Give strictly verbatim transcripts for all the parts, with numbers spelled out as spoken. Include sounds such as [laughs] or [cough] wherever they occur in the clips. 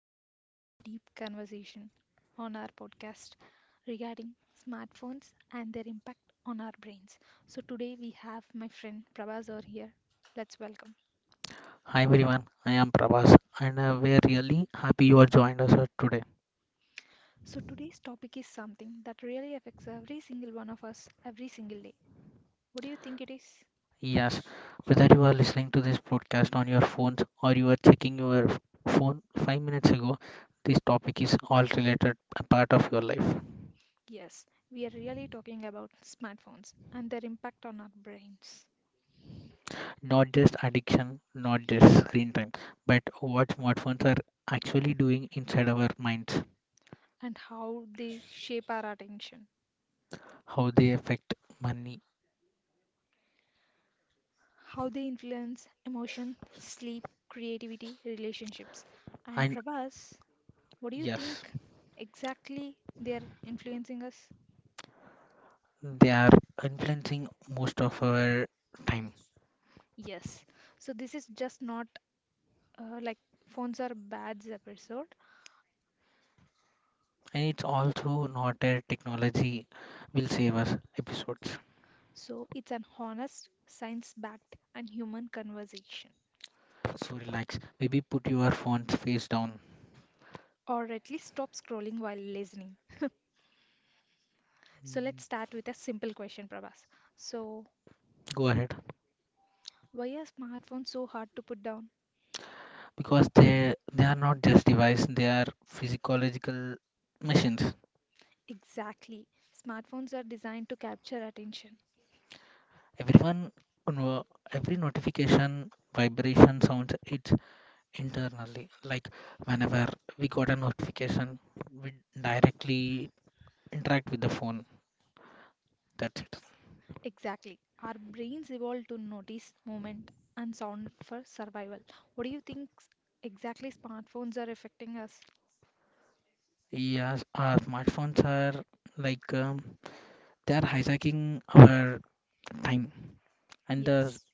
back to another deep conversation on our podcast regarding smartphones and their impact on our brains. So, today we have my friend Prabhazor here. Let's welcome. Hi everyone, I am Prabhas and uh, we are really happy you are joined us uh, today. So, today's topic is something that really affects every single one of us every single day. What do you think it is? Yes, whether you are listening to this podcast on your phones or you are checking your f- phone five minutes ago, this topic is all related a part of your life. Yes, we are really talking about smartphones and their impact on our brains Not just addiction, not just screen time, but what smartphones are actually doing inside our minds, and how they shape our attention. how they affect money. How they influence emotion, sleep, creativity, relationships. And And Prabhas, what do you yes, think exactly they are influencing us? they are influencing most of our time. Yes. So this is just not uh, like phones are bads episode. And it's also not a technology will save us episodes. So it's an honest, science-backed, and human conversation. So relax. Maybe put your phones face down. Or at least stop scrolling while listening. So let's Mm, start with a simple question, Prabhas. So go ahead. why are smartphones so hard to put down? Because they they are not just device, they are physiological machines. Exactly. Smartphones are designed to capture attention. Everyone no- every notification vibration sounds it's internally. Like whenever we got a notification, we directly interact with the phone. That's it. Ex- Exactly. Our brains evolved to notice movement and sound for survival. What do you think s- exactly smartphones are affecting us? Yes, our smartphones are like um, they are hijacking our time, and the Yes,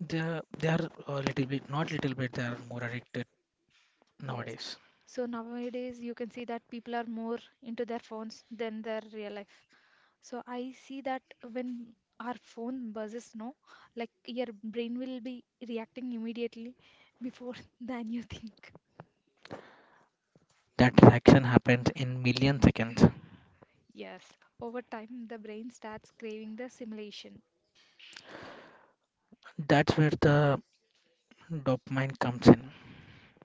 they are, they are a little bit, not little bit, they are more addicted yes. nowadays. So nowadays you can see that people are more into their phones than their real life. So I see that when our phone buzzes, no, like your brain will be reacting immediately before [laughs] than you think. That reaction happens in million seconds. Yes, over time the brain starts craving the simulation. That's where the dopamine comes in.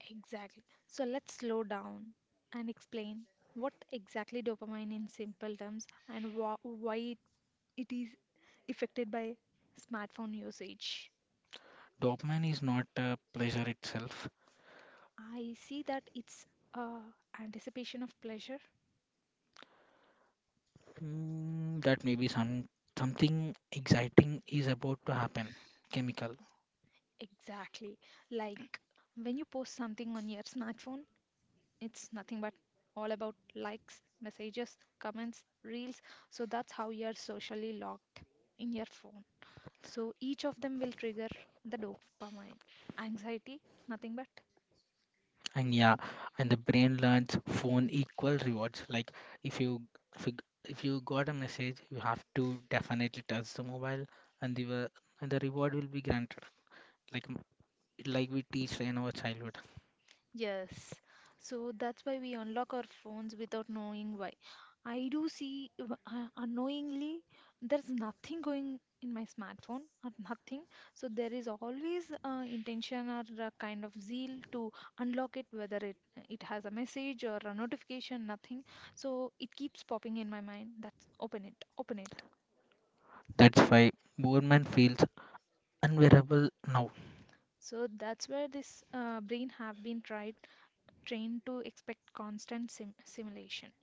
Exactly. So let's slow down and explain what exactly dopamine in simple terms and wha- why it it is affected by smartphone usage. Dopamine is not a pleasure itself. I see that it's uh, anticipation of pleasure. Mm, that maybe some something exciting is about to happen. Chemical. Exactly. Like when you post something on your smartphone, it's nothing but all about likes, messages, comments, reels. So that's how you're socially locked in your phone. So each of them will trigger the dopamine. Anxiety, nothing but. And yeah, and the brain learns phone equal rewards. Like if you if you, if you got a message, you have to definitely touch the mobile, and the wa- and the reward will be granted. Like m- like we teach in our childhood. Yes. So that's why we unlock our phones without knowing why. I do see w- uh, unknowingly there's nothing going in my smartphone or nothing. So there is always uh, intention or a kind of zeal to unlock it, whether it it has a message or a notification, nothing. So it keeps popping in my mind. That's open it, open it. That's why boredom feels unbearable now, So that's where this uh, brain have been tried trained to expect constant sim simulation.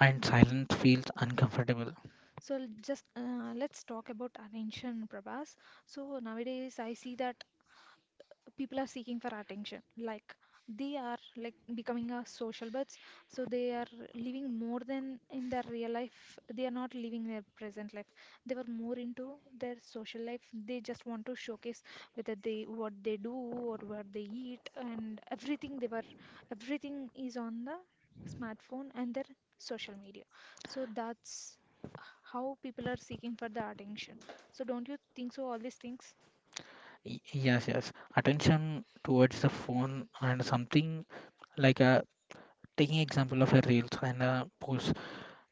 and silence feels uncomfortable. So l- just uh, let's talk about attention, Prabhas. So nowadays I see that people are seeking for attention, like they are like becoming a social birds, so they are living more than in their real life. They are not living their present life. They were more into their social life. They just want to showcase whether they what they do or what they eat, and everything they were, everything is on the smartphone and their social media. So that's how people are seeking for the attention. So don't you think so, all these things? Y- yes, yes. Attention towards the phone and something like a taking example of a reels and a post.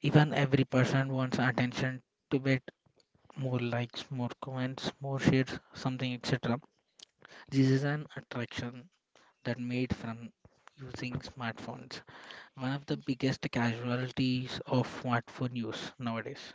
Even every person wants attention to be more likes, more comments, more shares, something, et cetera. This is an attraction that made from using smartphones, one of the biggest casualties of smartphone use nowadays.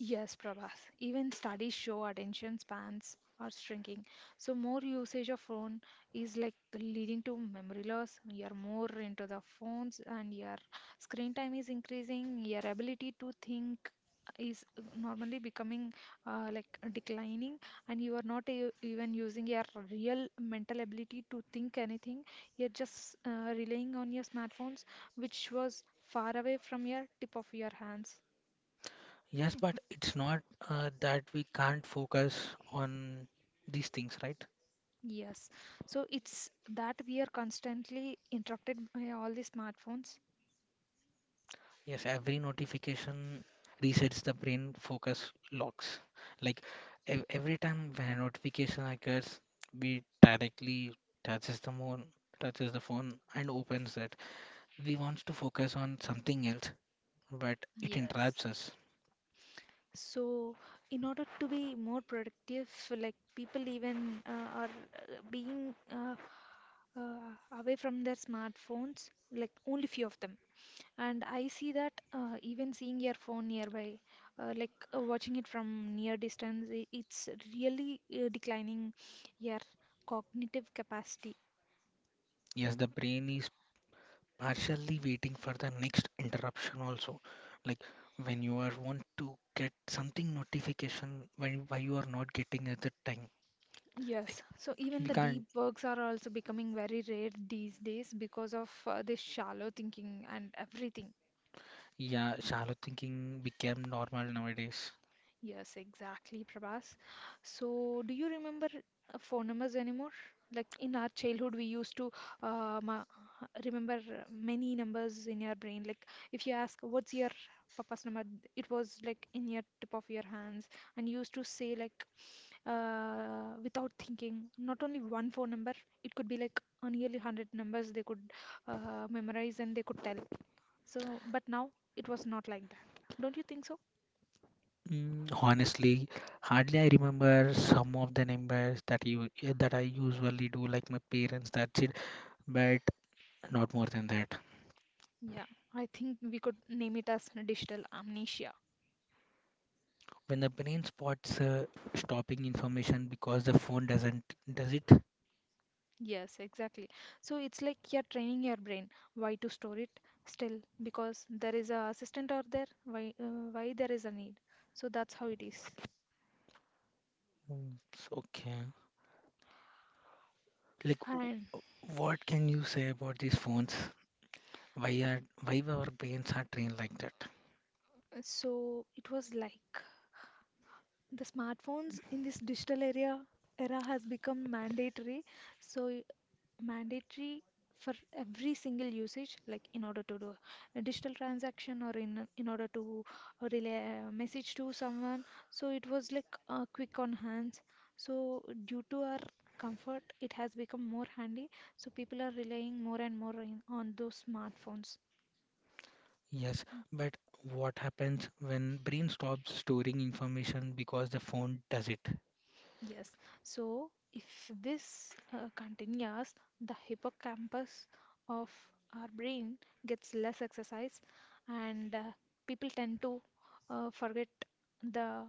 Yes, Prabhas. Even studies show attention spans are shrinking. So more usage of phone is like leading to memory loss. You're more into the phones, and your screen time is increasing. Your ability to think is normally becoming uh, like declining, and you are not e- even using your real mental ability to think anything. You're just uh, relying on your smartphones, which was far away from your tip of your hands. Yes, but it's not uh, that we can't focus on these things, right? Yes. So it's that we are constantly interrupted by all the smartphones. Yes, every notification resets the brain focus locks. Like ev- every time when a notification occurs, we directly touches the phone, touches the phone and opens it. We want to focus on something else, but it Yes. interrupts us. So, in order to be more productive, like people even uh, are uh, being uh, uh, away from their smartphones, like only few of them. And I see that uh, even seeing your phone nearby, uh, like uh, watching it from near distance, i- it's really uh, declining your cognitive capacity. Yes, the brain is partially waiting for the next interruption also. Like when you are want to get something notification when why you are not getting at the time. Like Yes, so even we the can't. deep works are also becoming very rare these days because of uh, this shallow thinking and everything. Yeah, shallow thinking became normal nowadays. Yes, exactly, Prabhas. So, do you remember uh, phone numbers anymore? Like in our childhood, we used to uh, ma remember many numbers in your brain. Like if you ask, what's your papa's number? It was like in your tip of your hands, and you used to say like uh, without thinking. Not only one phone number, it could be like uh, nearly one hundred numbers they could uh, memorize and they could tell. So, but now it was not like that. Don't you think so? Mm, honestly, hardly I remember some of the numbers that you eh, that I usually do, like my parents. That's it, but not more than that. Yeah, I think we could name it as digital amnesia. When the brain spots uh, stopping information because the phone doesn't, does it? Yes, exactly. So it's like you're training your brain why to store it still, because there is a assistant out there, why uh, why there is a need. So that's how it is. Mm, it's okay. Like, w- And w- what can you say about these phones? Why are why our brains are trained like that? uh, so it was like the smartphones in this digital area era has become mandatory, so y- mandatory for every single usage, like in order to do a digital transaction, or in in order to relay a message to someone. So it was like uh, quick on hands. So due to our comfort it has become more handy, so people are relying more and more in, on those smartphones. Yes, but what happens when brain stops storing information because the phone does it? Yes, so if this uh, continues, the hippocampus of our brain gets less exercise, and uh, people tend to uh, forget the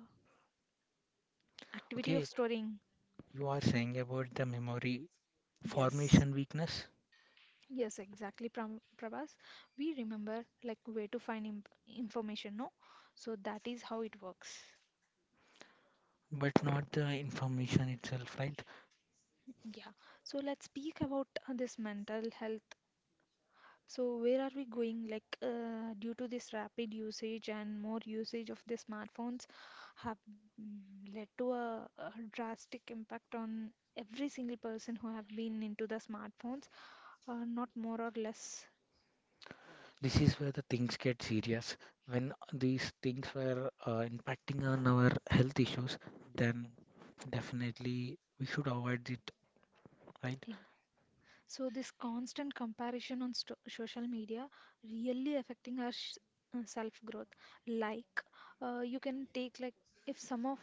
activity of Okay, storing. you are saying about the memory Yes, formation weakness, yes, exactly, Pram- Prabhas. We remember like where to find imp information, no? So that is how it works. but not the information itself, right? Yeah, so let's speak about uh, this mental health. So where are we going? Like uh, due to this rapid usage and more usage of the smartphones have mm, led to a, a drastic impact on every single person who have been into the smartphones, uh, not more or less. This is where the things get serious. When these things were uh, impacting on our health issues, then definitely we should avoid it, right? Eh, So this constant comparison on sto social media really affecting our sh uh, self-growth. Like uh, you can take like if some of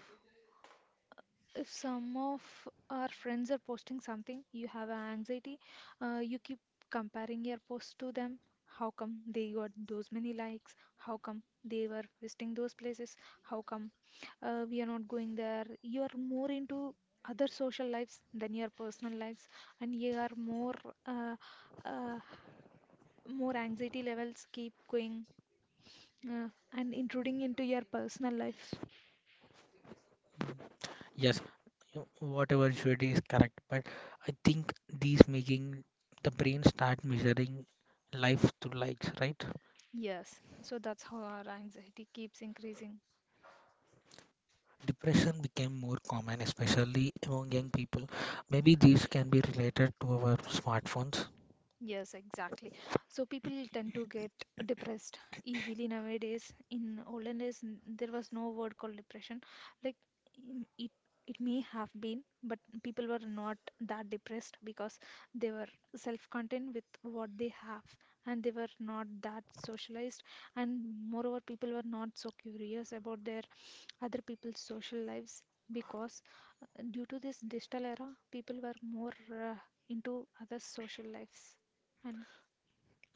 if some of our friends are posting something, you have an anxiety, uh, you keep comparing your post to them. How come they got those many likes? How come they were visiting those places? How come uh, we are not going there? You are more into other social lives than your personal lives, and you are more uh, uh, more anxiety levels keep going uh, and intruding into your personal life. Yes, you- whatever you said is correct, but I think these making the brain start measuring life through likes, right? Yes, so that's how our anxiety keeps increasing. Depression became more common, especially among young people. Maybe these can be related to our smartphones. Yes, exactly. So people tend to get depressed easily nowadays. In olden days, n- there was no word called depression. Like mm, it, it may have been, but people were not that depressed because they were self-contained with what they have, and they were not that socialized. And moreover, people were not so curious about their other people's social lives because uh, due to this digital era, people were more uh, into other social lives and.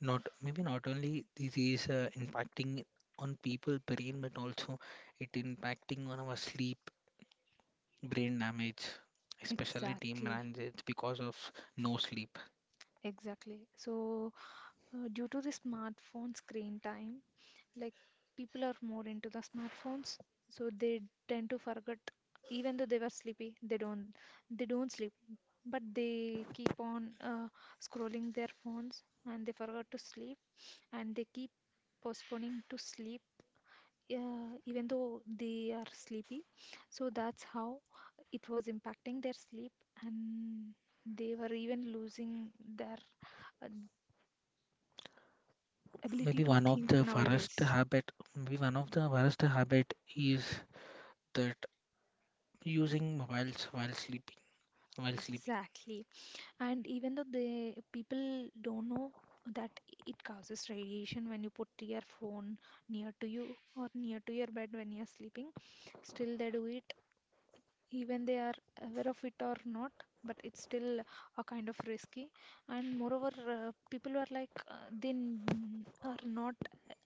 Not maybe not only this is uh, impacting on people brain, but also it impacting on our sleep, brain damage, especially team Exactly, damage because of no sleep. exactly. So, uh, due to the smartphone screen time, like people are more into the smartphones, so they tend to forget, even though they were sleepy, they don't, they don't sleep, but they keep on uh, scrolling their phones and they forgot to sleep, and they keep postponing to sleep. Yeah, even though they are sleepy. So that's how it was impacting their sleep, and they were even losing their uh, ability Maybe to one of think the worst nowadays. habit maybe one of the worst habit is that using mobiles while sleeping while sleeping. Exactly. And even though the people don't know that it causes radiation when you put your phone near to you or near to your bed when you're sleeping, still they do it, even they are aware of it or not, but it's still a kind of risky. And moreover uh, people are like uh, they n- are not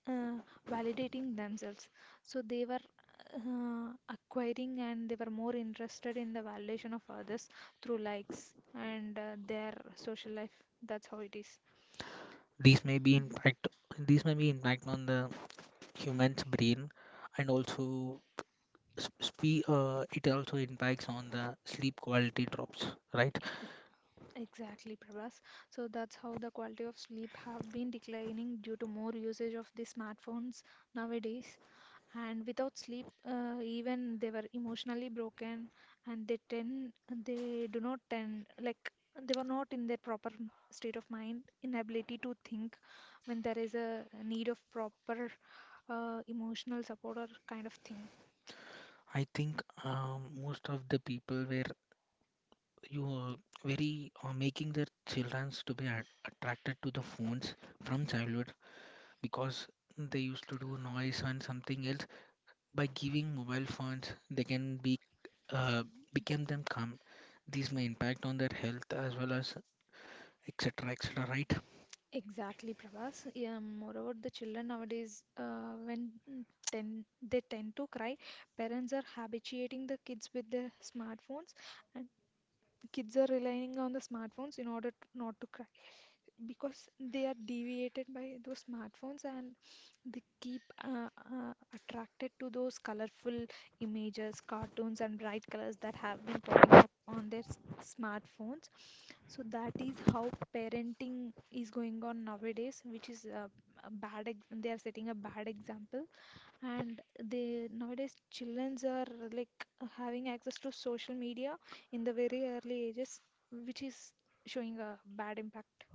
uh, validating themselves, so they were uh, acquiring, and they were more interested in the validation of others through likes and uh, their social life. That's how it is. These may be impact these may be impact on the human's brain, and also spe- uh, it also impacts on the sleep quality drops, right? Ex- Exactly, Prabhas. So that's how the quality of sleep have been declining due to more usage of the smartphones nowadays. And without sleep uh, even they were emotionally broken, and they tend they do not tend, like they were not in their proper m- state of mind, inability to think when there is a need of proper uh, emotional support or kind of thing. I think um, most of the people were you uh, very uh, making their childrens to be at- attracted to the phones from childhood because they used to do noise and something else by giving mobile phones they can be uh, become them calm. These may impact on their health as well as etc etc, right? Exactly, Pravas. Yeah, moreover the children nowadays, uh, when mm, ten, they tend to cry, parents are habituating the kids with their smartphones, and kids are relying on the smartphones in order to, not to cry, because they are deviated by those smartphones, and they keep uh, uh, attracted to those colorful images, cartoons, and bright colors that have been popping up on their s- smartphones. So that is how parenting is going on nowadays, which is uh, a bad. Ex, they are setting a bad example, and they nowadays childrens are like having access to social media in the very early ages, which is showing a bad impact.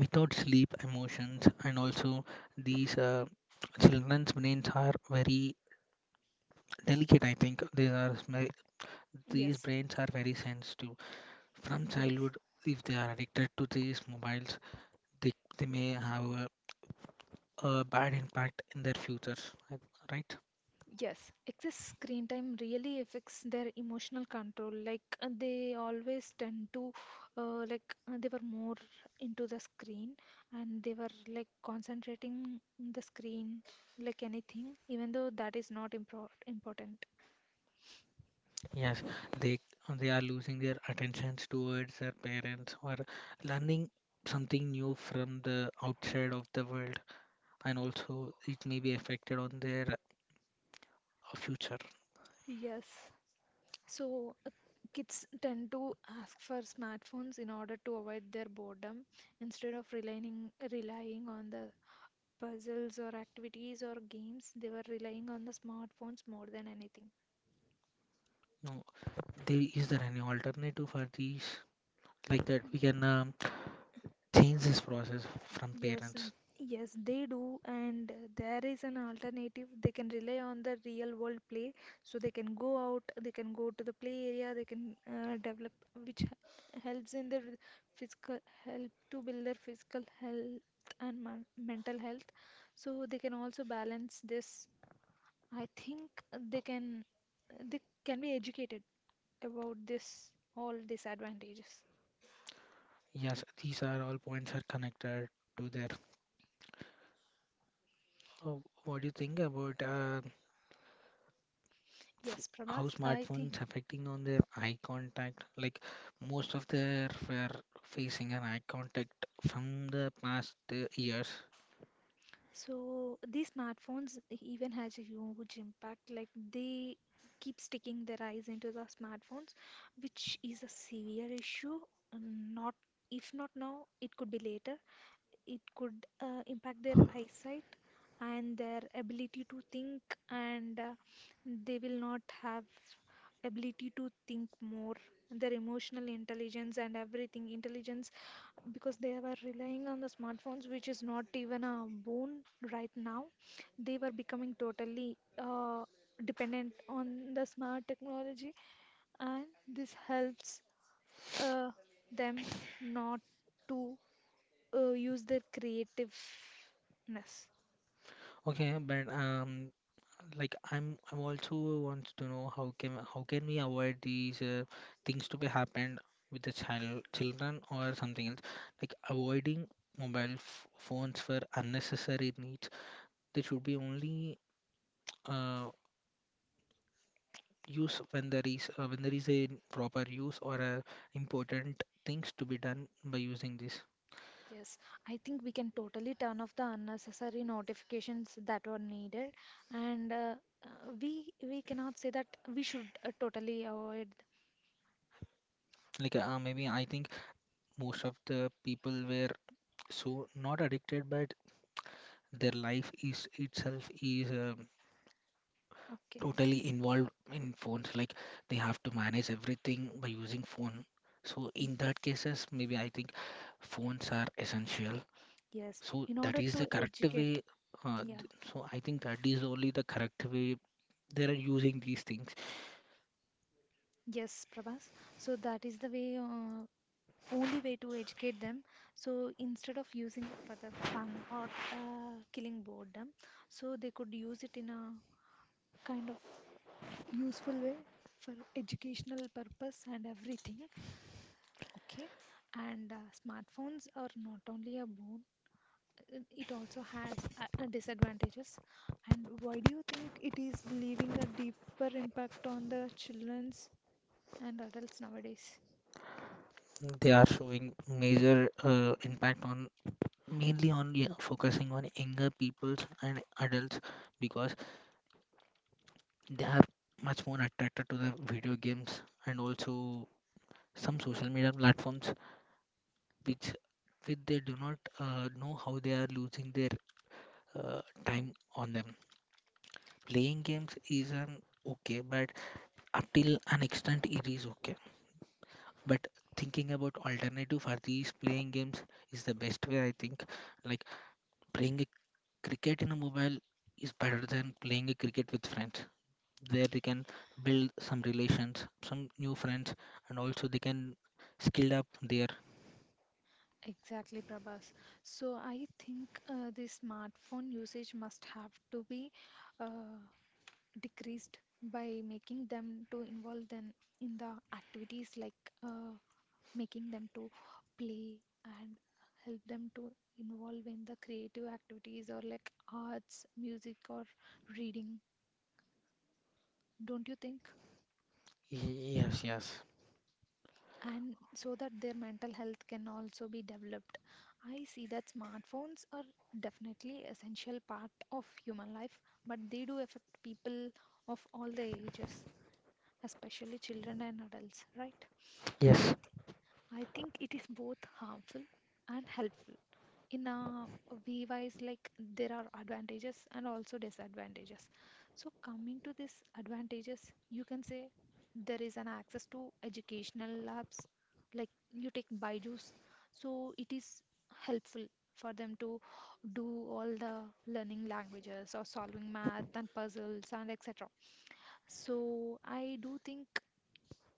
Without sleep emotions and also these uh, children's brains are very delicate. I think these are sma- these Yes. brains are very sensitive from Yes, childhood. If they are addicted to these mobiles, they, they may have a, a bad impact in their futures, right? yes. Excess screen time really affects their emotional control. Like uh, they always tend to, uh, like uh, they were more into the screen, and they were like concentrating in the screen like anything, even though that is not impor important. Yes, they they are losing their attentions towards their parents or learning something new from the outside of the world, and also it may be affected on their uh, future. Yes. So uh, kids tend to ask for smartphones in order to avoid their boredom, instead of relying relying on the puzzles or activities or games. They were relying on the smartphones more than anything. No, there is there any alternative for these like that we can um, change this process from Yes, n- parents? yes, they do, and uh, there is an alternative. They can rely on the real world play, so they can go out, they can go to the play area, they can uh, develop, which h- helps in their physical help to build their physical health and mon- mental health. So they can also balance this, I think they can, they can be educated about this all disadvantages. Yes, these are all points are connected to their. Uh, what do you think about uh, f- Yes, how Prabhas, I think smartphones affecting on their eye contact, like most of their were facing an eye contact from the past uh, years? so. These smartphones even has a huge impact. Like they keep sticking their eyes into the smartphones, which is a severe issue. Uh, Not if not now, it could be later. It could uh, impact their eyesight and their ability to think, and uh, they will not have ability to think more, their emotional intelligence and everything intelligence because they were relying on the smartphones, which is not even a boon right now. They were becoming totally uh, dependent on the smart technology, and this helps uh, them not to uh, use their creativeness. Okay, but um like i'm i'm also wants to know how can how can we avoid these uh, things to be happened with the child children or something else, like avoiding mobile f- phones for unnecessary needs. They should be only uh, use when there is uh, when there is a proper use or a important things to be done by using this. Yes, I think we can totally turn off the unnecessary notifications that were needed, and uh, uh, we we cannot say that we should uh, totally avoid. Like uh, maybe I think most of the people were so not addicted, but their life is itself is uh, Okay, totally involved in phones, like they have to manage everything by using phone. So in that cases maybe I think phones are essential. yes, So in that order is the to correct educate, way, uh, yeah, th- so I think that is only the correct way they are using these things. yes, Prabhas. So that is the way, uh, only way to educate them. So instead of using it for the fun or uh, killing boredom, so they could use it in a kind of useful way for educational purpose and everything. Okay, and uh, smartphones are not only a boon, uh, it also has uh, uh, disadvantages. And why do you think it is leaving a deeper impact on the children's and adults nowadays? They are showing major uh, impact on mainly on yeah, focusing on younger peoples and adults because they are much more attracted to the video games and also some social media platforms which which they do not uh, know how they are losing their uh, time on them. Playing games is an okay, but up till an extent it is okay. But thinking about alternative for these playing games is the best way, I think. Like playing a cricket in a mobile is better than playing a cricket with friends. There they can build some relations, some new friends, and also they can skill up their. Exactly, Prabhas. So I think uh, the smartphone usage must have to be uh, decreased by making them to involve them in the activities like uh, making them to play and help them to involve in the creative activities or like arts, music, or reading, don't you think? Yes, yes, And so that their mental health can also be developed. I see that smartphones are definitely essential part of human life, but they do affect people of all the ages, especially children and adults, right? I yes, th- I think it is both harmful and helpful, in a V Ys, like there are advantages and also disadvantages. So, coming to this advantages, you can say there is an access to educational labs, like you take Byju's, so it is helpful for them to do all the learning languages or solving math and puzzles and et cetera. So, I do think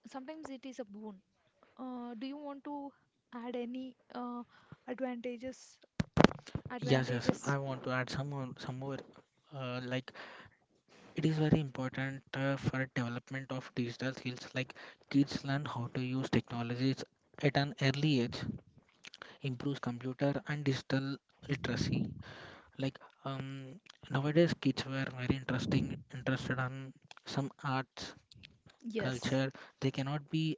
sometimes it is a boon. Uh, do you want to add any uh, advantages? yes, yes. Advantages. I want to add some more, some more. Uh, like it is very important uh, for development of digital skills. Like kids learn how to use technologies at an early age, improves computer and digital literacy. Like um, nowadays, kids were very interesting, interested on some arts, Yes, culture. They cannot be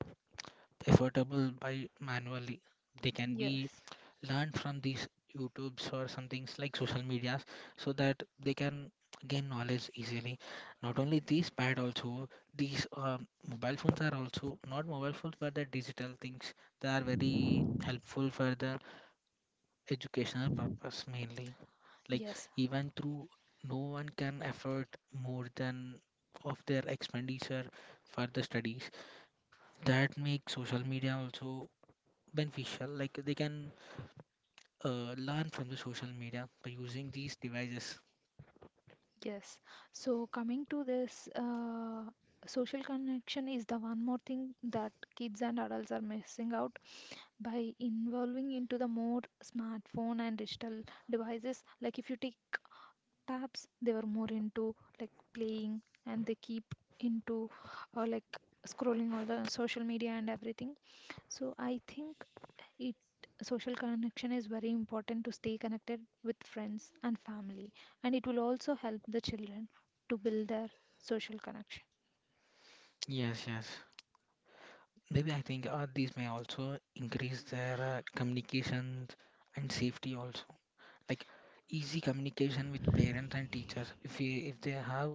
affordable by manually. They can be yes, learned from these YouTubes or some things like social medias, so that they can gain knowledge easily. Not only these pad also, these um, mobile phones are also not mobile phones, but the digital things. They are very helpful for the educational purpose mainly. Like yes, even through no one can afford more than of their expenditure for the studies. That makes social media also beneficial. Like they can uh, learn from the social media by using these devices. yes. So coming to this, uh, social connection is the one more thing that kids and adults are missing out by involving into the more smartphone and digital devices. Like if you take tabs, they were more into like playing and they keep into uh, like scrolling all the social media and everything. So I think It, social connection is very important to stay connected with friends and family, and it will also help the children to build their social connection. Yes, yes. Maybe I think uh, these may also increase their uh, communication and safety also. Like easy communication with parents and teachers. If we, if they have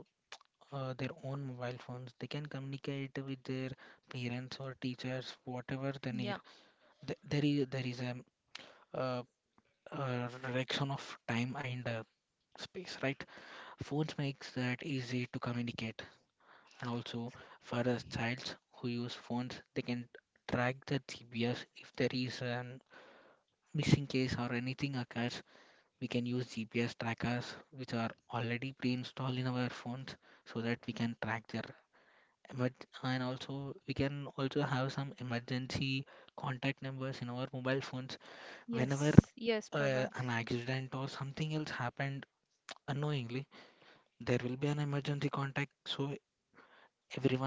uh, their own mobile phones. They can communicate with their parents or teachers, whatever they need. Yeah. Th- There is there is a, uh, uh reduction of time and uh, space, right? Phones makes that easy to communicate, and also for the childs who use phones, they can track the G P S if there is an missing case or anything occurs. We can use G P S trackers which are already pre-installed in our phones so that we can track their. But and also we can also have some emergency contact numbers in our mobile phones whenever Yes, yes, uh, Prabha. an accident or something else happened unknowingly, there will be an emergency contact so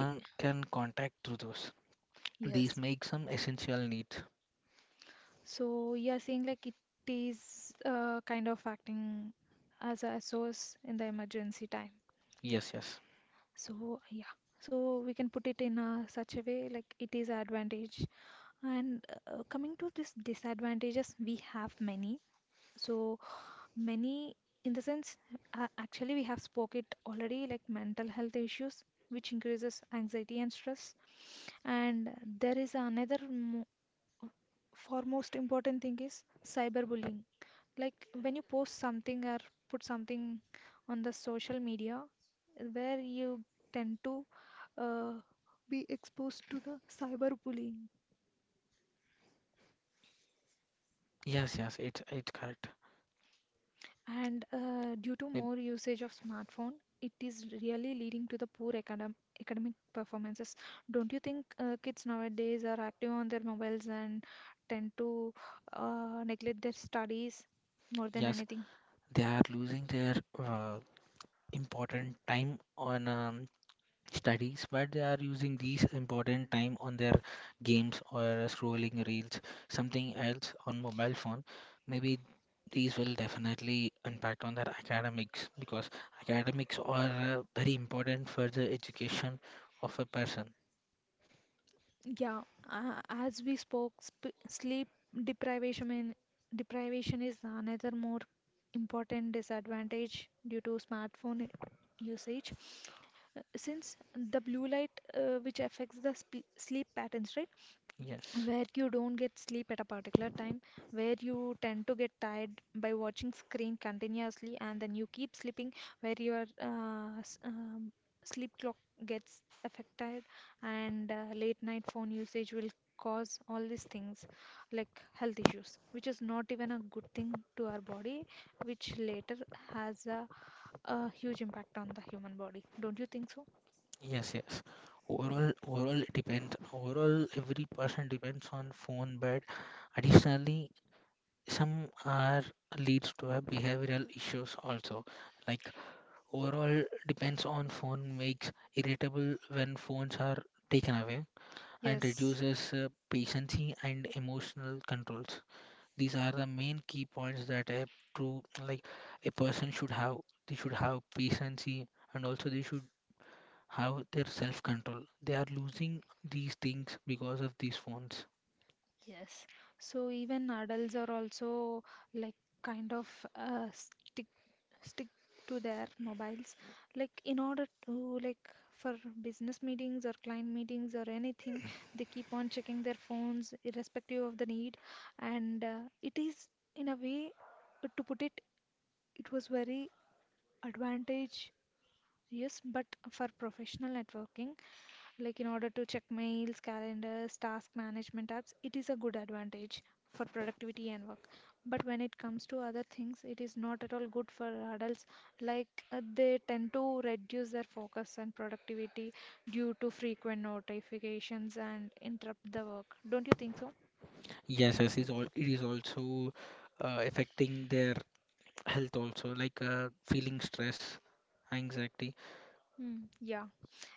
I- can contact through those. These Yes. make some essential needs. So you are saying like it is uh, kind of acting as a source in the emergency time. yes yes So yeah. So we can put it in a, such a way like it is advantage. And uh, coming to this disadvantages, we have many. So many in the sense, uh, actually we have spoke it already like mental health issues which increases anxiety and stress, and there is another mo- foremost important thing is cyberbullying, like when you post something or put something on the social media where you tend to uh, be exposed to the cyberbullying. yes yes it's it's correct. And uh, due to It- more usage of smartphone, it is really leading to the poor academ academic performances. Don't you think uh, kids nowadays are active on their mobiles and tend to uh, neglect their studies more than yes, anything? they are losing their uh, important time on um, studies, but they are using these important time on their games or scrolling reels, something else on mobile phone. Maybe these will definitely impact on their academics because academics are uh, very important for the education of a person. Yeah, uh, as we spoke, sp sleep deprivation in, deprivation is another more important disadvantage due to smartphone usage. Uh, Since the blue light uh, which affects the sp sleep patterns, right? Yes, Where you don't get sleep at a particular time, where you tend to get tired by watching screen continuously, and then you keep sleeping, where your uh, s- um, sleep clock gets affected, and uh, late night phone usage will cause all these things like health issues, which is not even a good thing to our body, which later has a, a huge impact on the human body. Don't you think so? yes, yes. Overall, overall it depends. Overall, every person depends on phone, but additionally, some are leads to a behavioral issues also like overall, depends on phone makes irritable when phones are taken away and Yes. reduces uh, patience and emotional controls. These are the main key points that a true like a person should have. They should have patience, and also they should have their self-control. They are losing these things because of these phones. Yes. So even adults are also like kind of uh, stick stick to their mobiles like in order to like for business meetings or client meetings or anything, they keep on checking their phones irrespective of the need, and uh, it is in a way uh, to put it, it was very advantageous but for professional networking like in order to check mails, calendars, task management apps, it is a good advantage for productivity and work. But when it comes to other things, it is not at all good for adults. Like uh, they tend to reduce their focus and productivity due to frequent notifications and interrupt the work. Don't you think so? Yes, yes, is all it is also uh, affecting their health also like uh, feeling stress, anxiety. Hmm. Yeah.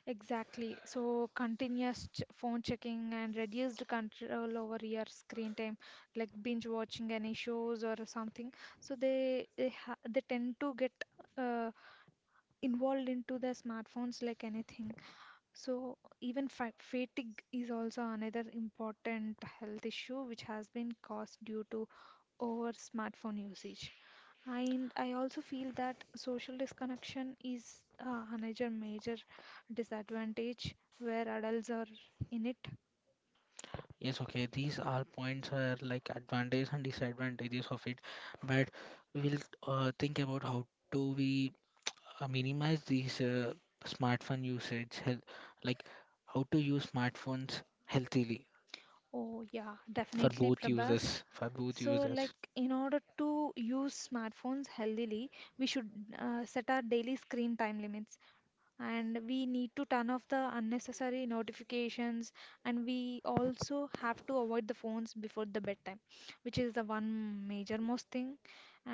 Exactly. So continuous ch phone checking and reduced control over your screen time, like binge watching any shows or something. So they they, ha they tend to get uh, involved into the smartphones like anything. So even fa fatigue is also another important health issue which has been caused due to over smartphone usage. And I also feel that social disconnection is uh, another major disadvantage where adults are in it. Yes, okay, these are points are like advantages and disadvantages of it, but we'll uh, think about how do we uh, minimize these uh, smartphone usage, health, like how to use smartphones healthily Oh, yeah, for definitely, both Prabhas. users, for both So, users. like, in order to use smartphones healthily, we should uh, set our daily screen time limits, and we need to turn off the unnecessary notifications, and we also have to avoid the phones before the bedtime, which is the one major most thing,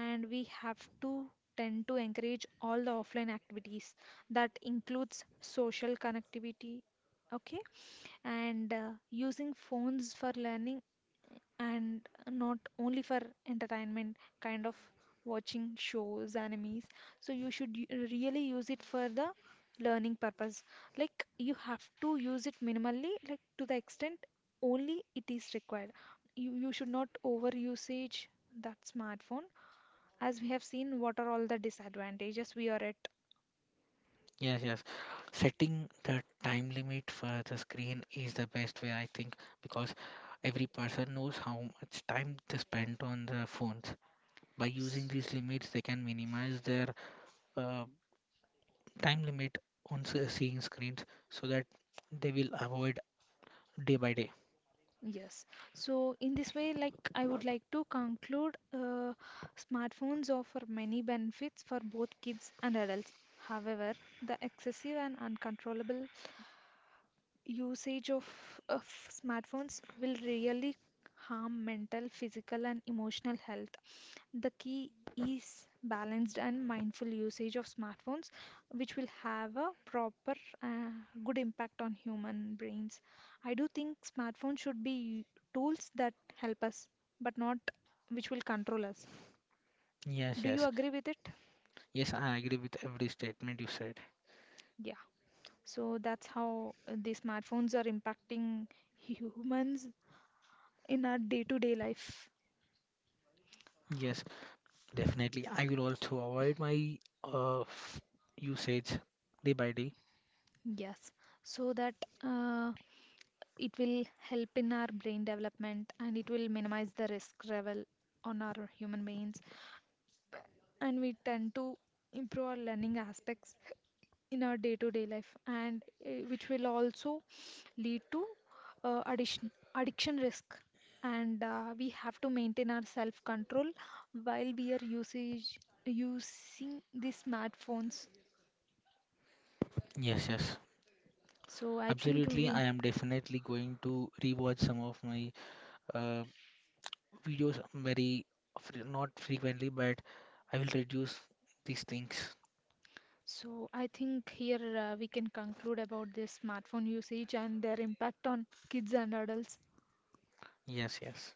and we have to tend to encourage all the offline activities that includes social connectivity, okay, and uh, using phones for learning and not only for entertainment, kind of watching shows animes, so you should y- really use it for the learning purpose, like you have to use it minimally like to the extent only it is required. You, you should not over usage that smartphone, as we have seen what are all the disadvantages we are at. Yes, yes. Setting the time limit for the screen is the best way, I think, because every person knows how much time they spend on the phones. By using these limits, they can minimize their uh, time limit on se- seeing screens so that they will avoid day by day. Yes. So in this way, like I would like to conclude, uh, smartphones offer many benefits for both kids and adults. However, the excessive and uncontrollable usage of, of smartphones will really harm mental, physical, and emotional health. The key is balanced and mindful usage of smartphones, which will have a proper, uh, good impact on human brains. I do think smartphones should be tools that help us, but not which will control us. Yes, Do yes, you agree with it? yes, I agree with every statement you said. Yeah. So that's how uh, the smartphones are impacting humans in our day-to-day life. Yes, definitely. I will also avoid my uh, f- usage day by day. Yes. So that uh, it will help in our brain development and it will minimize the risk level on our human brains, and we tend to improve our learning aspects in our day-to-day life and uh, which will also lead to uh, addition addiction risk, and uh, we have to maintain our self control while we are usage using these smartphones, Yes, yes, so I think absolutely. I we. am definitely going to rewatch some of my uh, videos very fre- not frequently, but I will reduce these things. So I think here uh, we can conclude about this smartphone usage and their impact on kids and adults. Yes, yes.